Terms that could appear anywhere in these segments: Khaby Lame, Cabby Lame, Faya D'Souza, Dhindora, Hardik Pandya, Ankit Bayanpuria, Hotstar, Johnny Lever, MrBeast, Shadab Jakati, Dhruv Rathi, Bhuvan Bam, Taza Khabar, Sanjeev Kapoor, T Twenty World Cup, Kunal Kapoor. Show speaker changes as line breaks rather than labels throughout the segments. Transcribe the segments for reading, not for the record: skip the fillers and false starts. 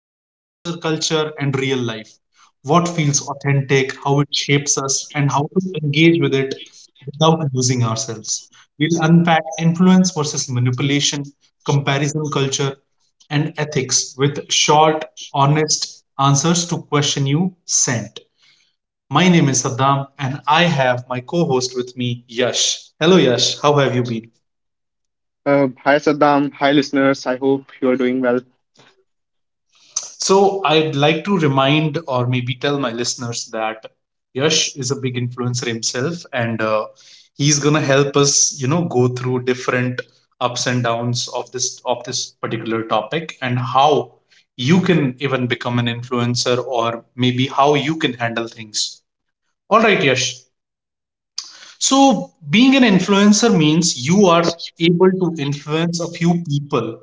influencer culture and real life. What feels authentic, how it shapes us, and how to engage with it without losing ourselves. We'll unpack influence versus manipulation, comparison culture, and ethics with short, honest answers to question you sent. My name is Saddam, and I have my co host with me, Yash. Hello, Yash. How have you been?
Hi Saddam, hi listeners. I hope you are doing well.
So I'd like to remind or maybe tell my listeners that Yash is a big influencer himself, and he's gonna help us, go through different ups and downs of this particular topic and how you can even become an influencer or maybe how you can handle things. All right, Yash. So being an influencer means you are able to influence a few people,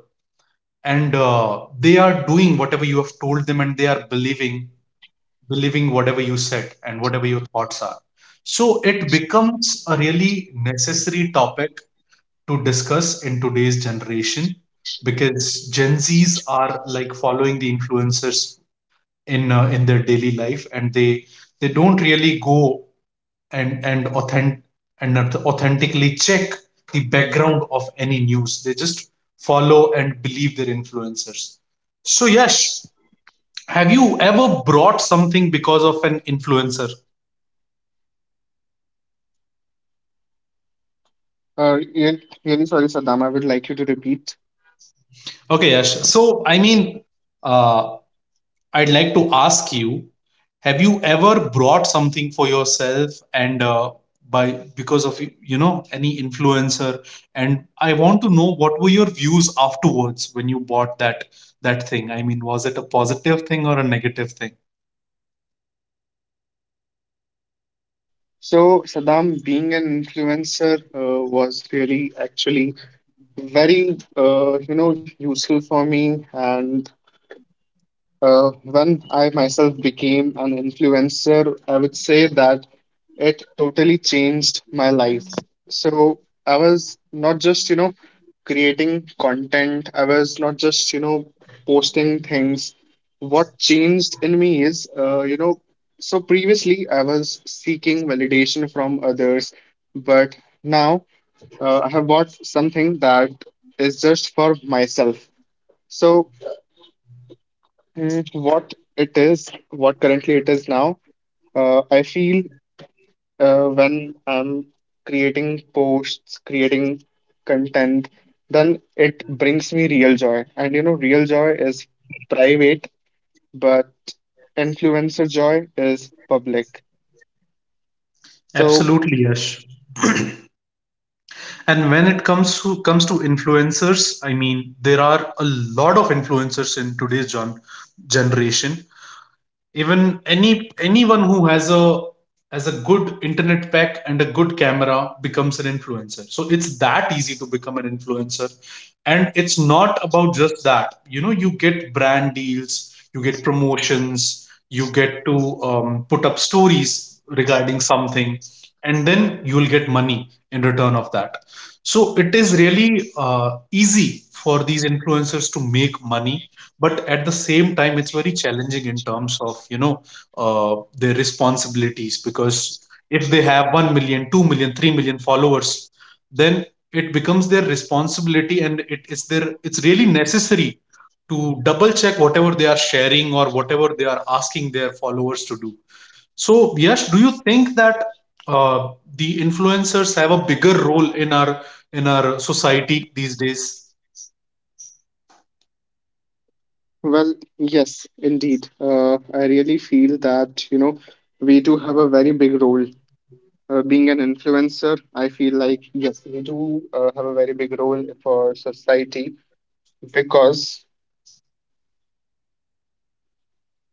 and they are doing whatever you have told them, and they are believing whatever you said and whatever your thoughts are. So it becomes a really necessary topic to discuss in today's generation, because Gen Zs are like following the influencers in their daily life, and they don't really go and and authentic and authentically check the background of any news. They just follow and believe their influencers. So Yash, have you ever brought something because of an influencer?
Really sorry, Saddam. I would like you to repeat.
Okay, Yash. So, I mean, uh, I'd like to ask you: have you ever brought something for yourself, and by because of, any influencer? And I want to know what were your views afterwards when you bought that thing. I mean, was it a positive thing or a negative thing?
So, Saddam, being an influencer was really actually very useful for me, and when I myself became an influencer, I would say that it totally changed my life. So I was not just, creating content. I was not just, posting things. What changed in me is, so previously I was seeking validation from others, but now I have bought something that is just for myself. So what it is, what currently it is now, I feel when I'm creating posts, creating content, then it brings me real joy. And you know, real joy is private, but influencer joy is public. So.
Absolutely, Yash. And when it comes to influencers, I mean, there are a lot of influencers in today's generation. Even anyone who has a good internet pack and a good camera becomes an influencer, so it's that easy to become an influencer. And it's not about just that, you get brand deals, you get promotions, you get to put up stories regarding something, and then you'll get money in return of that. So it is really easy for these influencers to make money, but at the same time it's very challenging in terms of, their responsibilities, because if they have 1 million, 2 million, 3 million followers, then it becomes their responsibility, and it is their it's really necessary to double check whatever they are sharing or whatever they are asking their followers to do. So Yash, do you think that, uh, the influencers have a bigger role in our society these days?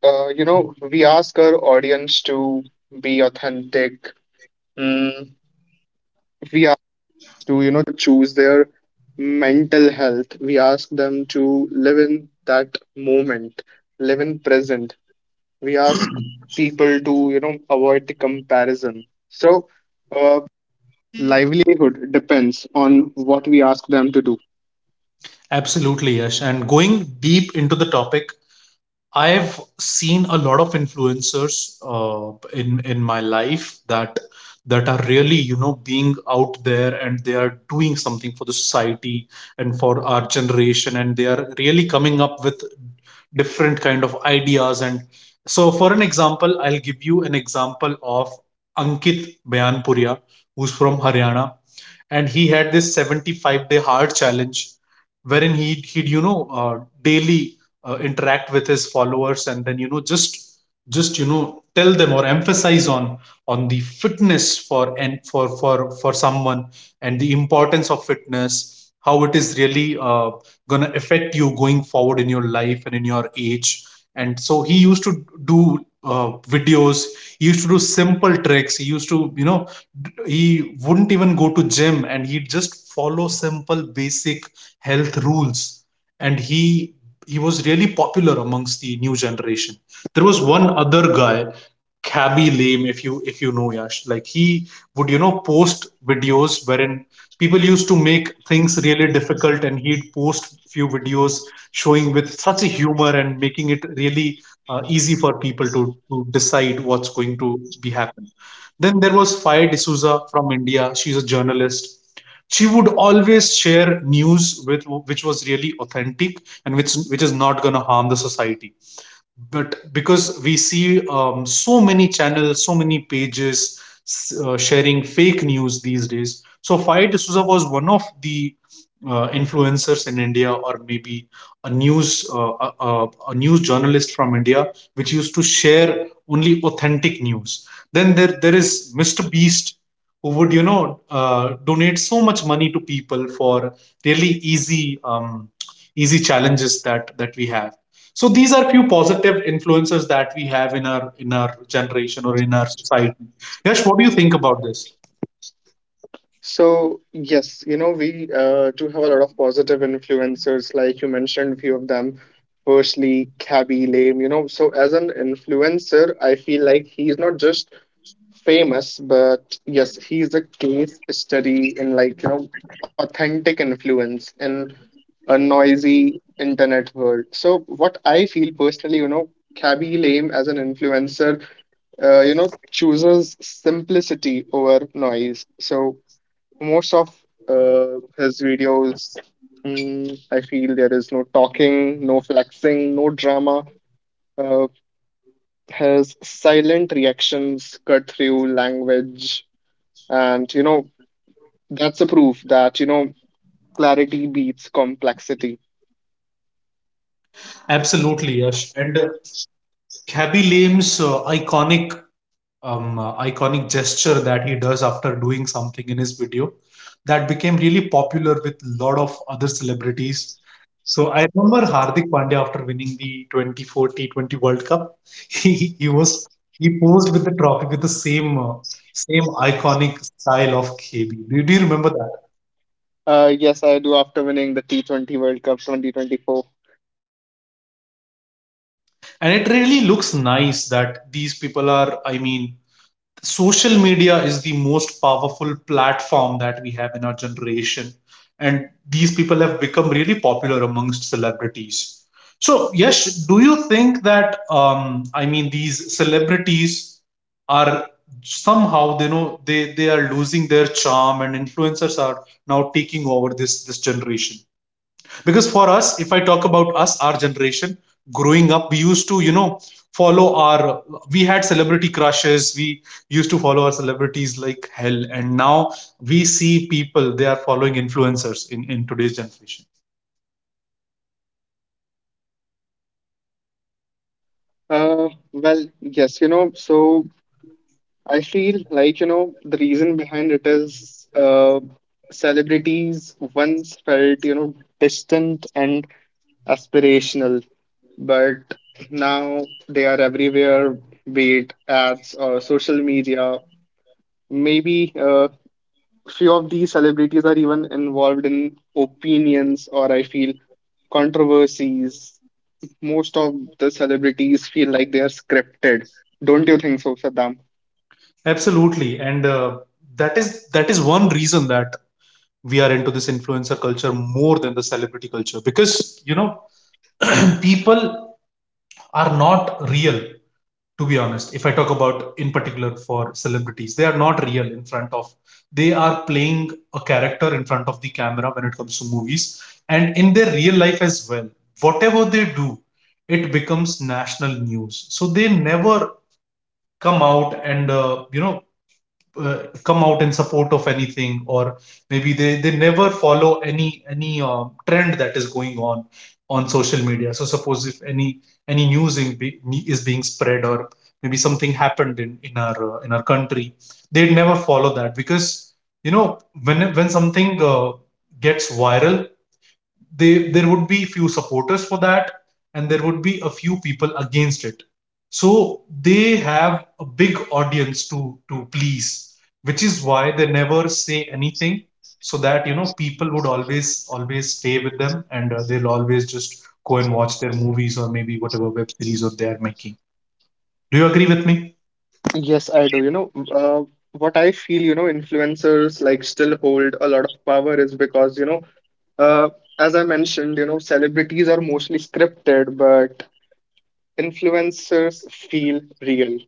We ask our audience to be authentic. Mm, we ask to, choose their mental health. We ask them to live in that moment, live in present. We ask people to, avoid the comparison. So.
Absolutely, Yash. And going deep into the topic, I've seen a lot of influencers, in my life, that are really, being out there, and they are doing something for the society and for our generation, and they are really coming up with different kind of ideas. And so for an example, I'll give you an example of Ankit Bayanpuria, who's from Haryana, and he had this 75-day hard challenge, wherein he'd, daily, interact with his followers and then, just, tell them or emphasize on the fitness for someone, and the importance of fitness, how it is really going to affect you going forward in your life and in your age. And so he used to do, videos, he used to do simple tricks, he used to, he wouldn't even go to gym, and he'd just follow simple basic health rules. And he was really popular amongst the new generation. There was one other guy, Cabby Lame, if you know, Yash. Like he would, post videos wherein people used to make things really difficult, and he'd post few videos showing with such a humor and making it really easy for people to decide what's going to be happening. Then there was Faya D'Souza from India. She's a journalist. She would always share news with which was really authentic and which is not going to harm the society, but because we see, so many channels, so many pages sharing fake news these days. So Fai D'Souza was one of the, influencers in India, or maybe a news, a news journalist from India, which used to share only authentic news. Then there is Mr Beast, who would, donate so much money to people for really easy, easy challenges that we have. So these are few positive influences that we have in our generation, or in our society. Yash, what do you think about this?
So yes, we do have a lot of positive influencers, like you mentioned, few of them. Firstly, Cabby Lame. So as an influencer, I feel like he's not just famous, but yes, he's a case study in like authentic influence in a noisy internet world. So what I feel personally, Cabby Lame as an influencer, chooses simplicity over noise. So most of his videos, I feel there is no talking, no flexing, no drama. Uh, his silent reactions cut through language, and that's a proof that clarity beats complexity.
Absolutely, Yash. And Khaby Lame's iconic gesture that he does after doing something in his video, that became really popular with a lot of other celebrities. So I remember Hardik Pandya after winning the 24 T20 World Cup, he, he was he posed with the trophy with the same iconic style of KB. Do you remember that?
Yes, I do. After winning the T20 World Cup 2024.
And it really looks nice that these people are. I mean, social media is the most powerful platform that we have in our generation, and these people have become really popular amongst celebrities. So yes, do you think that, I mean, these celebrities are, somehow they know they are losing their charm, and influencers are now taking over this generation? Because for us, if I talk about us, our generation, growing up, we used to, follow our we had celebrity crushes, we used to follow our celebrities like hell, and now we see people they are following influencers in today's generation.
Well, yes, so I feel like, the reason behind it is celebrities once felt, distant and aspirational, but now they are everywhere, be it ads or social media. Maybe few of these celebrities are even involved in opinions, or I feel, controversies. Most of the celebrities feel like they are scripted. Don't you think so, Saddam?
Absolutely. And that is that is one reason that we are into this influencer culture more than the celebrity culture. Because, you know people are not real, to be honest. If I talk about, in particular, for celebrities, they are not real in front of, they are playing a character in front of the camera when it comes to movies, and in their real life as well. Whatever they do, it becomes national news. So they never come out and, come out in support of anything, or maybe they never follow any, trend that is going on social media. So suppose if any news is being spread, or maybe something happened in our country. They'd never follow that, because, you know when something, gets viral, they there would be few supporters for that, and there would be a few people against it. So they have a big audience to please, which is why they never say anything, so that, people would always stay with them, and they'll always just go and watch their movies, or maybe whatever web series or they are making. Do you agree with me?
Yes, I do. What I feel, influencers like still hold a lot of power is because, uh, as I mentioned, celebrities are mostly scripted, but influencers feel real.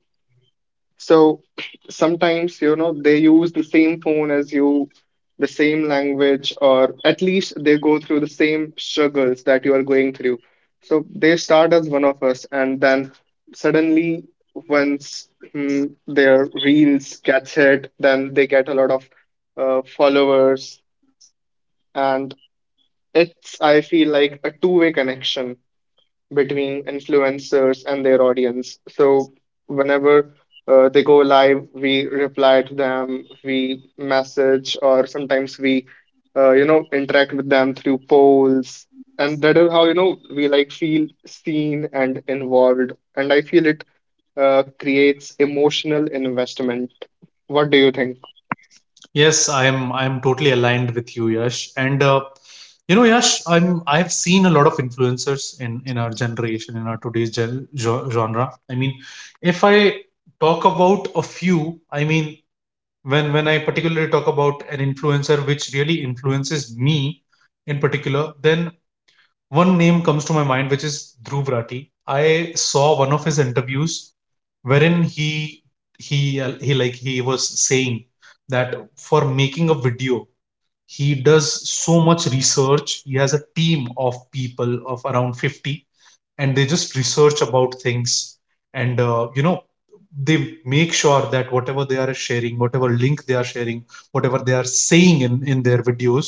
So sometimes, they use the same phone as you, the same language, or at least they go through the same struggles that you are going through. So they start as one of us, and then suddenly, once their reels gets hit, then they get a lot of followers, and it's, I feel like, a two-way connection between influencers and their audience. So whenever they go live, we reply to them, we message, or sometimes we, interact with them through polls, and that is how we like feel seen and involved. And I feel it creates emotional investment. What do you think?
Yes, I'm totally aligned with you, Yash. And, Yash, I've seen a lot of influencers in our generation, in our today's genre. I mean, if I talk about a few, I mean, when I particularly talk about an influencer which really influences me in particular, then one name comes to my mind, which is Dhruv Rathi. I saw one of his interviews wherein he was saying that for making a video he does so much research. He has a team of people of around 50, and they just research about things, and they make sure that whatever they are sharing, whatever link they are sharing, whatever they are saying in their videos,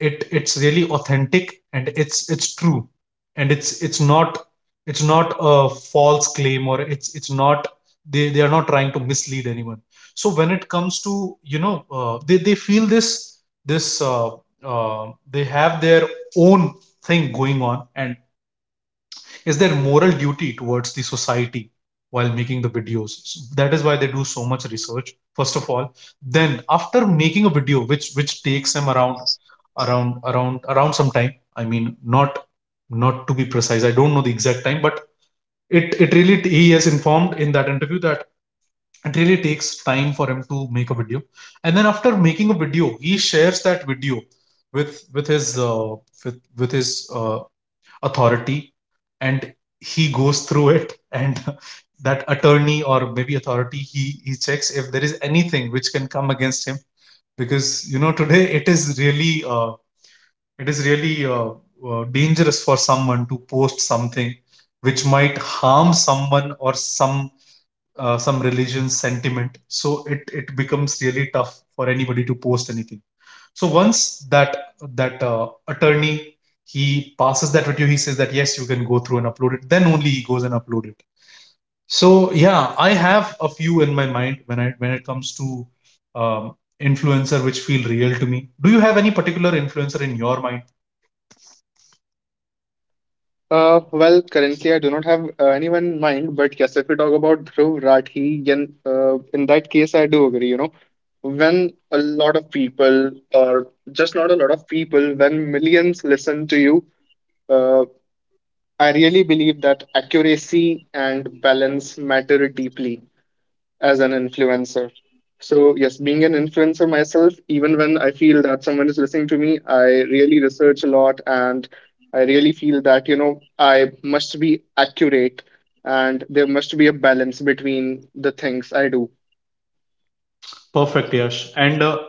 it's really authentic and it's true, and it's not a false claim, or it's not, they are not trying to mislead anyone. So when it comes to, they feel this this they have their own thing going on, and is their moral duty towards the society while making the videos. That is why they do so much research first of all. Then after making a video, which takes them around some time, I mean, not not to be precise, I don't know the exact time, but it really, he has informed in that interview that it really takes time for him to make a video. And then after making a video, he shares that video with with his uh, with his uh, authority, and he goes through it, and that attorney, or maybe authority, he checks if there is anything which can come against him. Because you know, today it is really dangerous for someone to post something which might harm someone or some religion sentiment. So it becomes really tough for anybody to post anything. So once that attorney, he passes that review, he says that, yes, you can go through and upload it. Then only he goes and upload it. So yeah, I have a few in my mind when I when it comes to, influencer which feel real to me. Do you have any particular influencer in your mind?
Well, currently I do not have anyone in mind, but yes, if we talk about Dhruv Rathi, then in that case I do agree. You know, when a lot of people, or just not a lot of people, when millions listen to you, uh, I really believe that accuracy and balance matter deeply as an influencer. So, yes, being an influencer myself, even when I feel that someone is listening to me, I really research a lot, and I really feel that, I must be accurate, and there must be a balance between the things I do.
Perfect, Yash. And uh,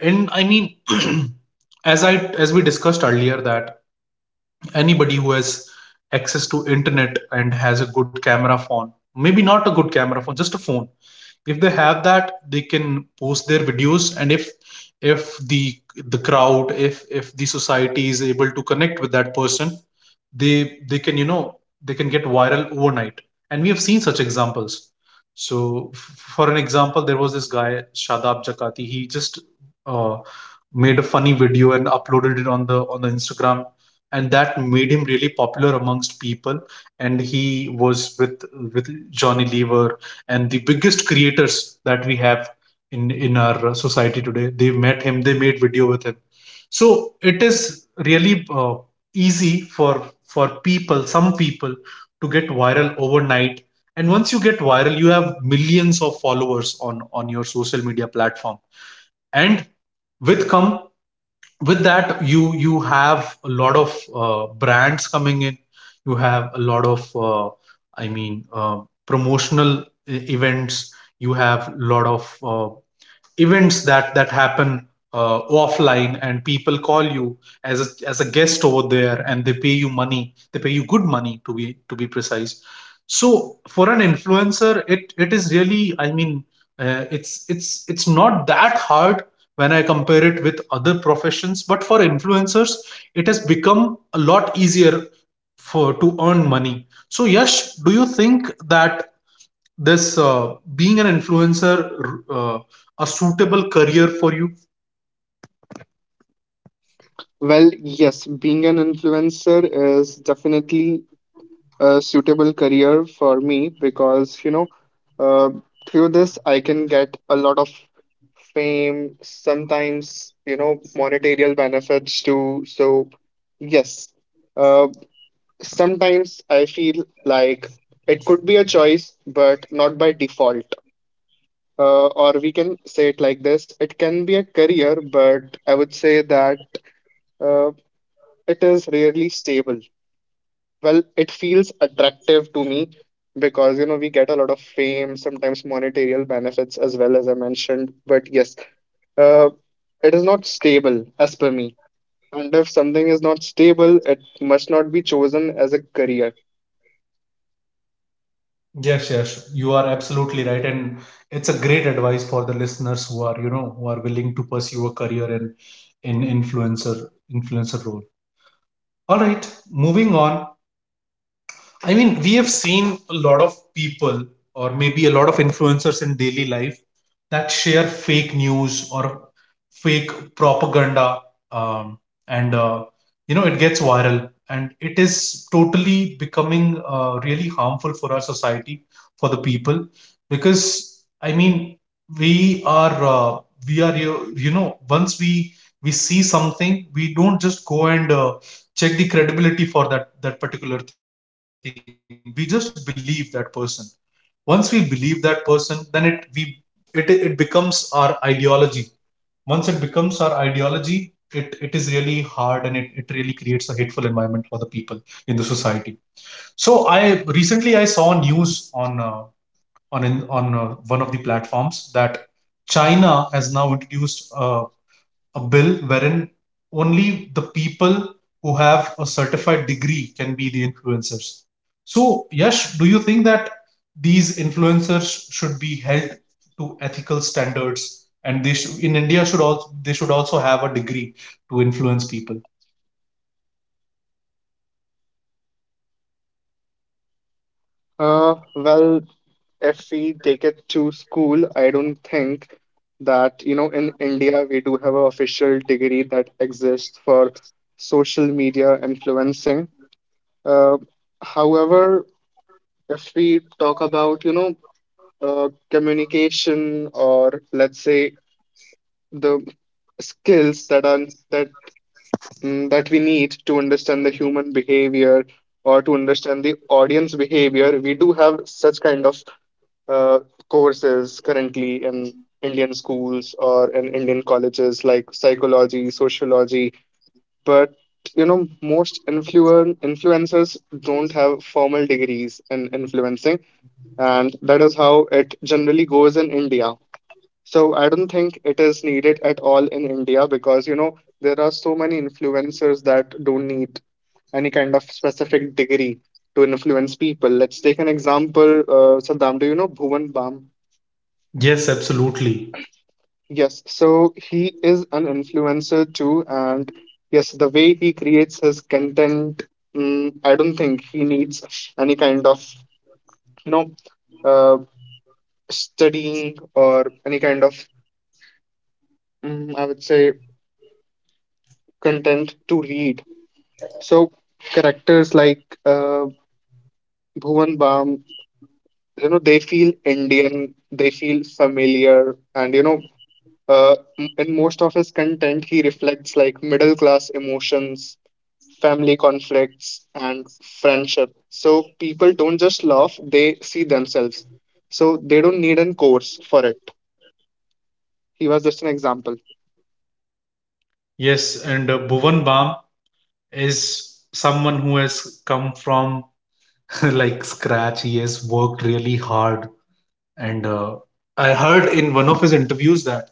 and I mean, as I as we discussed earlier, that anybody who has access to internet and has a good camera phone, maybe not a good camera phone, just a phone, if they have that, they can post their videos. And if the crowd, if the society is able to connect with that person, they can, you know, they can get viral overnight, and we have seen such examples. So for an example, there was this guy Shadab Jakati. He just uh, made a funny video and uploaded it on the Instagram, and that made him really popular amongst people. And he was with Johnny Lever, and the biggest creators that we have in our society today, they met him, they made video with him. So it is really easy for people some people to get viral overnight. And once you get viral, you have millions of followers on your social media platform. And with come with that you have a lot of brands coming in. You have a lot of i mean uh, promotional events, you have a lot of events that happen offline, and people call you as a guest over there, and they pay you money, they pay you good money, to be precise. So for an influencer, it is really, I mean, it's not that hard when I compare it with other professions, but for influencers it has become a lot easier for to earn money. So Yash, do you think that this, being an influencer, a suitable career for you?
Well, yes, being an influencer is definitely a suitable career for me because uh, through this I can get a lot of fame, sometimes monetary benefits too. So yes, uh, sometimes I feel like it could be a choice, but not by default. Or we can say it like this: it can be a career, but I would say that uh, it is rarely stable. Well, it feels attractive to me because we get a lot of fame, sometimes monetary benefits as well, as I mentioned. But yes, uh, it is not stable as per me, and if something is not stable, it must not be chosen as a career.
Yes, yes, you are absolutely right, and it's a great advice for the listeners who are, you know, who are willing to pursue a career in in influencer influencer role. All right, moving on. I mean, we have seen a lot of people, or maybe a lot of influencers in daily life, that share fake news or fake propaganda, um, and you know, it gets viral, and it is totally becoming really harmful for our society, for the people. Because I mean, we are uh, we are, you know, once we see something, we don't just go and check the credibility for that particular thing, we just believe that person. Once we believe that person, then it we it it becomes our ideology. Once it becomes our ideology, it is really hard, and it really creates a hateful environment for the people in the society. So I recently I saw news on in, on one of the platforms that China has now introduced a bill wherein only the people who have a certified degree can be the influencers. So, Yash, do you think that these influencers should be held to ethical standards, and they should, in India should also, they should also have a degree to influence people?
Well, if we take it to school, I don't think that in India we do have an official degree that exists for social media influencing. uh, However, if we talk about, communication, or let's say the skills that are that mm, that we need to understand the human behavior, or to understand the audience behavior, we do have such kind of uh, courses currently in Indian schools or in Indian colleges, like psychology, sociology, but most influencers don't have formal degrees in influencing, and that is how it generally goes in India. So I don't think it is needed at all in India because there are so many influencers that don't need any kind of specific degree to influence people. Let's take an example. Saddam, do you know Bhuvan Bam?
Yes, absolutely.
Yes, so he is an influencer too, and yes, the way he creates his content, I don't think he needs any kind of you know uh, studying or any kind of I would say, content to read. So characters like Bhuvan Bam, they feel Indian, they feel familiar, and in most of his content, he reflects like middle class emotions, family conflicts, and friendship. So people don't just laugh; they see themselves. So they don't need a course for it. He was just an example.
Yes, and Bhuvan Bam is someone who has come from like scratch. He has worked really hard. And I heard in one of his interviews that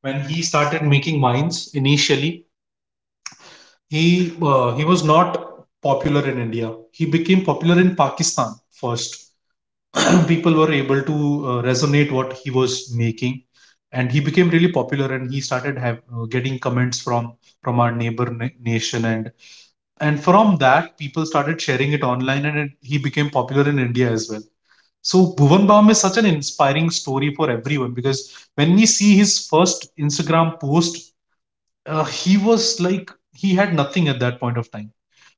when he started making wines initially, he was not popular in India. He became popular in Pakistan first. People were able to resonate what he was making, and he became really popular. And he started getting comments from our neighbor nation, and from that people started sharing it online, and he became popular in India as well. So Bhuvan Bam is such an inspiring story for everyone, because when we see his first Instagram post, he was like, he had nothing at that point of time.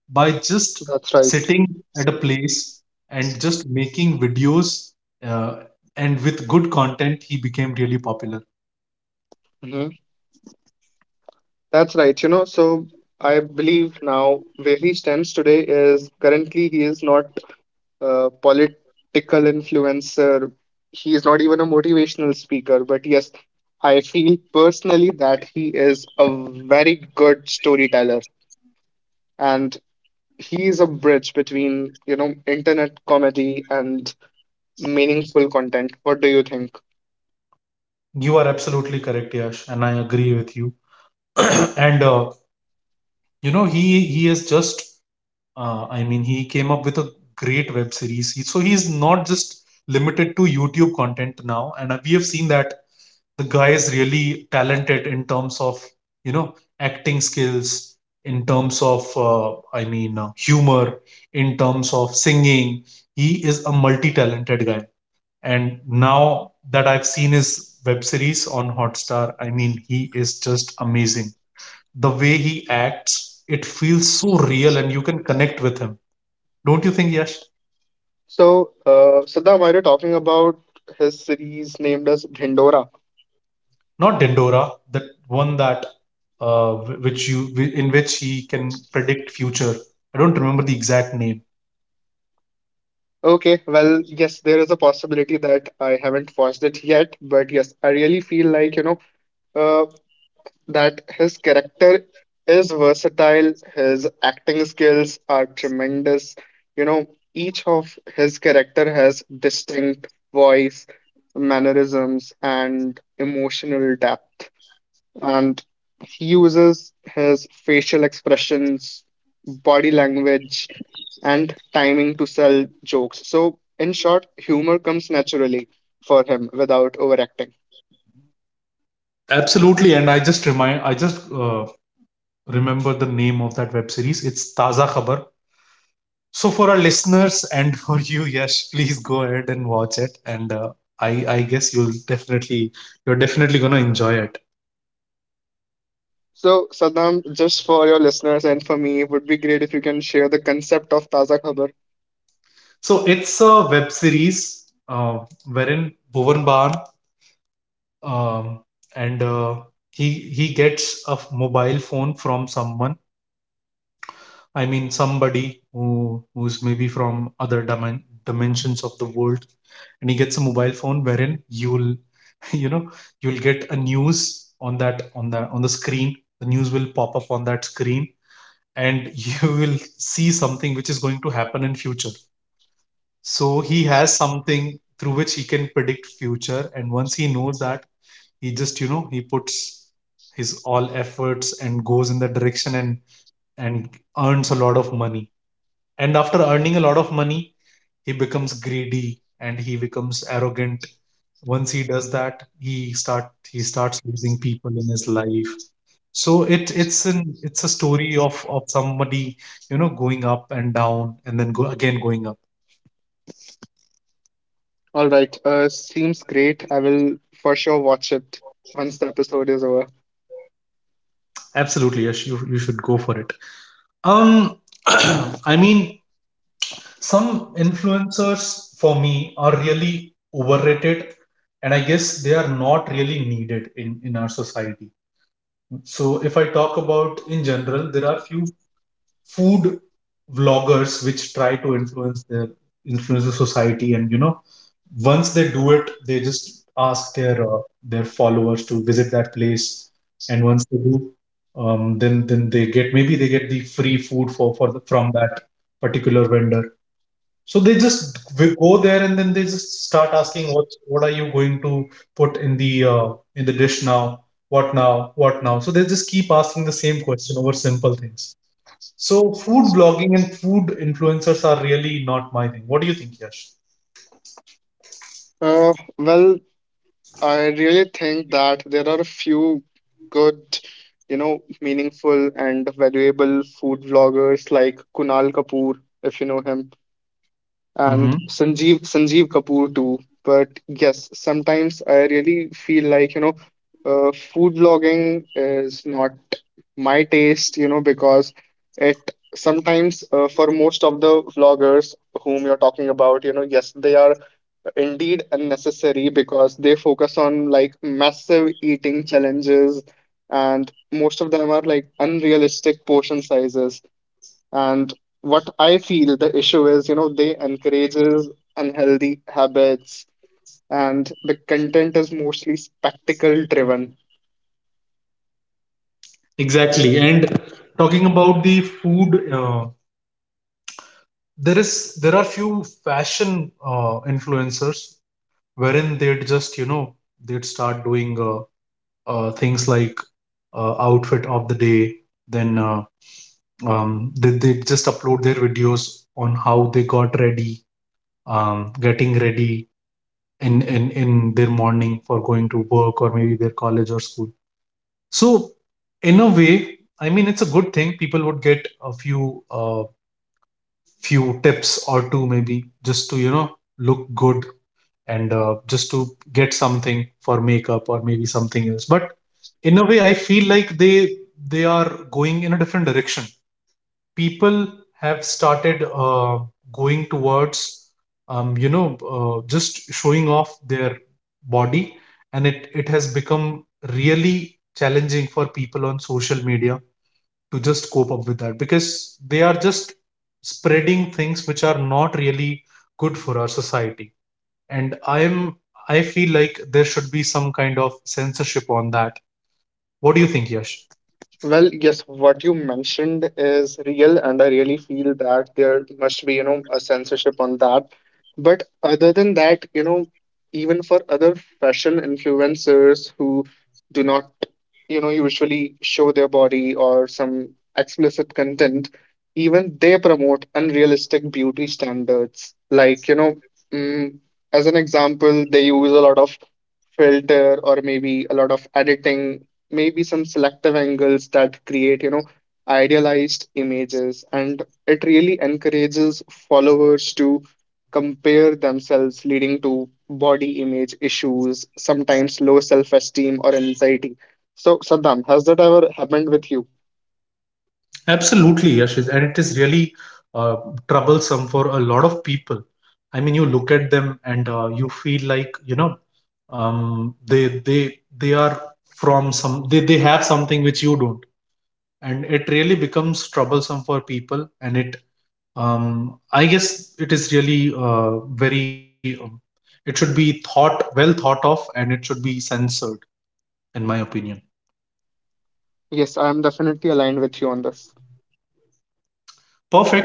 By just
That's right.
sitting at a place and just making videos, uh, and with good content, he became really popular.
That's right. So I believe now where he stands today is currently he is not a political influencer. He is not even a motivational speaker. But yes, I feel personally that he is a very good storyteller, and he is a bridge between, internet comedy and meaningful content. What do you think?
You are absolutely correct, Yash, and I agree with you. And you know, he has just, I mean, he came up with a great web series. So he's not just limited to YouTube content now, and we have seen that the guy is really talented in terms of, you know, acting skills, in terms of humor, in terms of singing. He is a multi-talented guy, and now that I've seen his web series on Hotstar, I mean, he is just amazing. The way he acts, it feels so real, and you can connect with him, don't you think, Yash?
So, Siddham, are you talking about his series named as Dhindora?
Not Dendora, that one that uh, which you in which he can predict future. I don't remember the exact name.
Okay, well, yes, there is a possibility that I haven't watched it yet, but yes, I really feel like, uh, that his character is versatile, his acting skills are tremendous. You know, each of his character has distinct voice, mannerisms, and emotional depth, and he uses his facial expressions, body language, and timing to sell jokes. So, in short, humor comes naturally for him without overacting.
Absolutely, and I just remember the name of that web series. It's Taza Khabar. So for our listeners and for you, Yash, please go ahead and watch it, and I I guess you're definitely gonna enjoy it.
So, Saddam, just for your listeners and for me, it would be great if you can share the concept of Taza Khabar.
So it's a web series wherein Bhuvan Bahan, um, and he gets a mobile phone from someone, I mean somebody who's maybe from other dimensions of the world. And he gets a mobile phone wherein you'll you know, you'll get a news on that, on the screen. The news will pop up on that screen, and you will see something which is going to happen in future. So he has something through which he can predict future, and once he knows that, he just, you know, he puts his all efforts and goes in that direction, and and earns a lot of money. And after earning a lot of money, he becomes greedy and he becomes arrogant. Once he does that, he starts losing people in his life. So it it's an it's a story of somebody, you know, going up and down, and then go again going up.
All right, seems great. I will for sure watch it once the episode is over.
Absolutely, yes, you should go for it. Um, I mean Some influencers for me are really overrated, and I guess they are not really needed in our society. So if I talk about in general, there are few food vloggers which try to influence the society, and you know, once they do it, they just ask their followers to visit that place. And once they do, then they get, maybe they get the free food for from that particular vendor. So they just go there, and then they just start asking, what are you going to put in the dish now? What now? What now? So they just keep asking the same question over simple things. So food vlogging and food influencers are really not my thing. What do you think, Yash?
Well, I really think that there are a few good, meaningful and valuable food vloggers like Kunal Kapoor, if you know him, and
Mm-hmm.
Sanjeev Kapoor too. But yes, sometimes I really feel like, food blogging is not my taste, because it sometimes for most of the vloggers whom you're talking about, yes, they are indeed unnecessary because they focus on like massive eating challenges, and most of them are like unrealistic portion sizes. And what I feel the issue is, they encourages unhealthy habits, and the content is mostly spectacle driven.
Exactly. And talking about the food, there are few fashion influencers wherein they'd just, you know, they'd start doing things like outfit of the day. Then they just upload their videos on how they got ready, getting ready in their morning for going to work or maybe their college or school. So, in a way, I mean, it's a good thing. People would get a few few tips or two, maybe just to, you know, look good, and just to get something for makeup or maybe something else. But in a way, I feel like they are going in a different direction. People have started going towards, um, you know just showing off their body, and it has become really challenging for people on social media to just cope up with that, because they are just spreading things which are not really good for our society. And I feel like there should be some kind of censorship on that. What do you think, Yash?
Well, yes, what you mentioned is real, and I really feel that there must be, a censorship on that. But other than that, even for other fashion influencers who do not, usually show their body or some explicit content, even they promote unrealistic beauty standards. Like, mm, as an example, they use a lot of filter, or maybe a lot of editing, maybe some selective angles that create, idealized images. And it really encourages followers to compare themselves, leading to body image issues, sometimes low self-esteem or anxiety. So, Saddam, has that ever happened with you?
Absolutely, Yash, and it is really uh, troublesome for a lot of people. I mean, you look at them, and you feel like, you know, they are from some, they have something which you don't, and it really becomes troublesome for people. And it I guess it is really very it should be thought, well thought of, and it should be censored, in my opinion.
Yes, I am definitely aligned with you on this.
Perfect.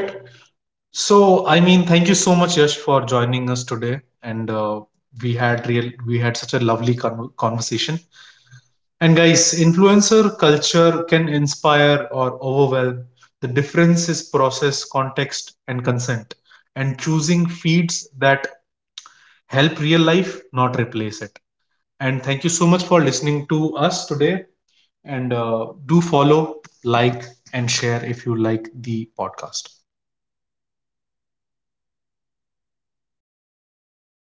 So, I mean, thank you so much, Yash, for joining us today, and we had we had such a lovely conversation. And guys, influencer culture can inspire or overwhelm. The difference is process, context, and consent, and choosing feeds that help real life, not replace it. And thank you so much for listening to us today. And do follow, like, and share if you like the podcast.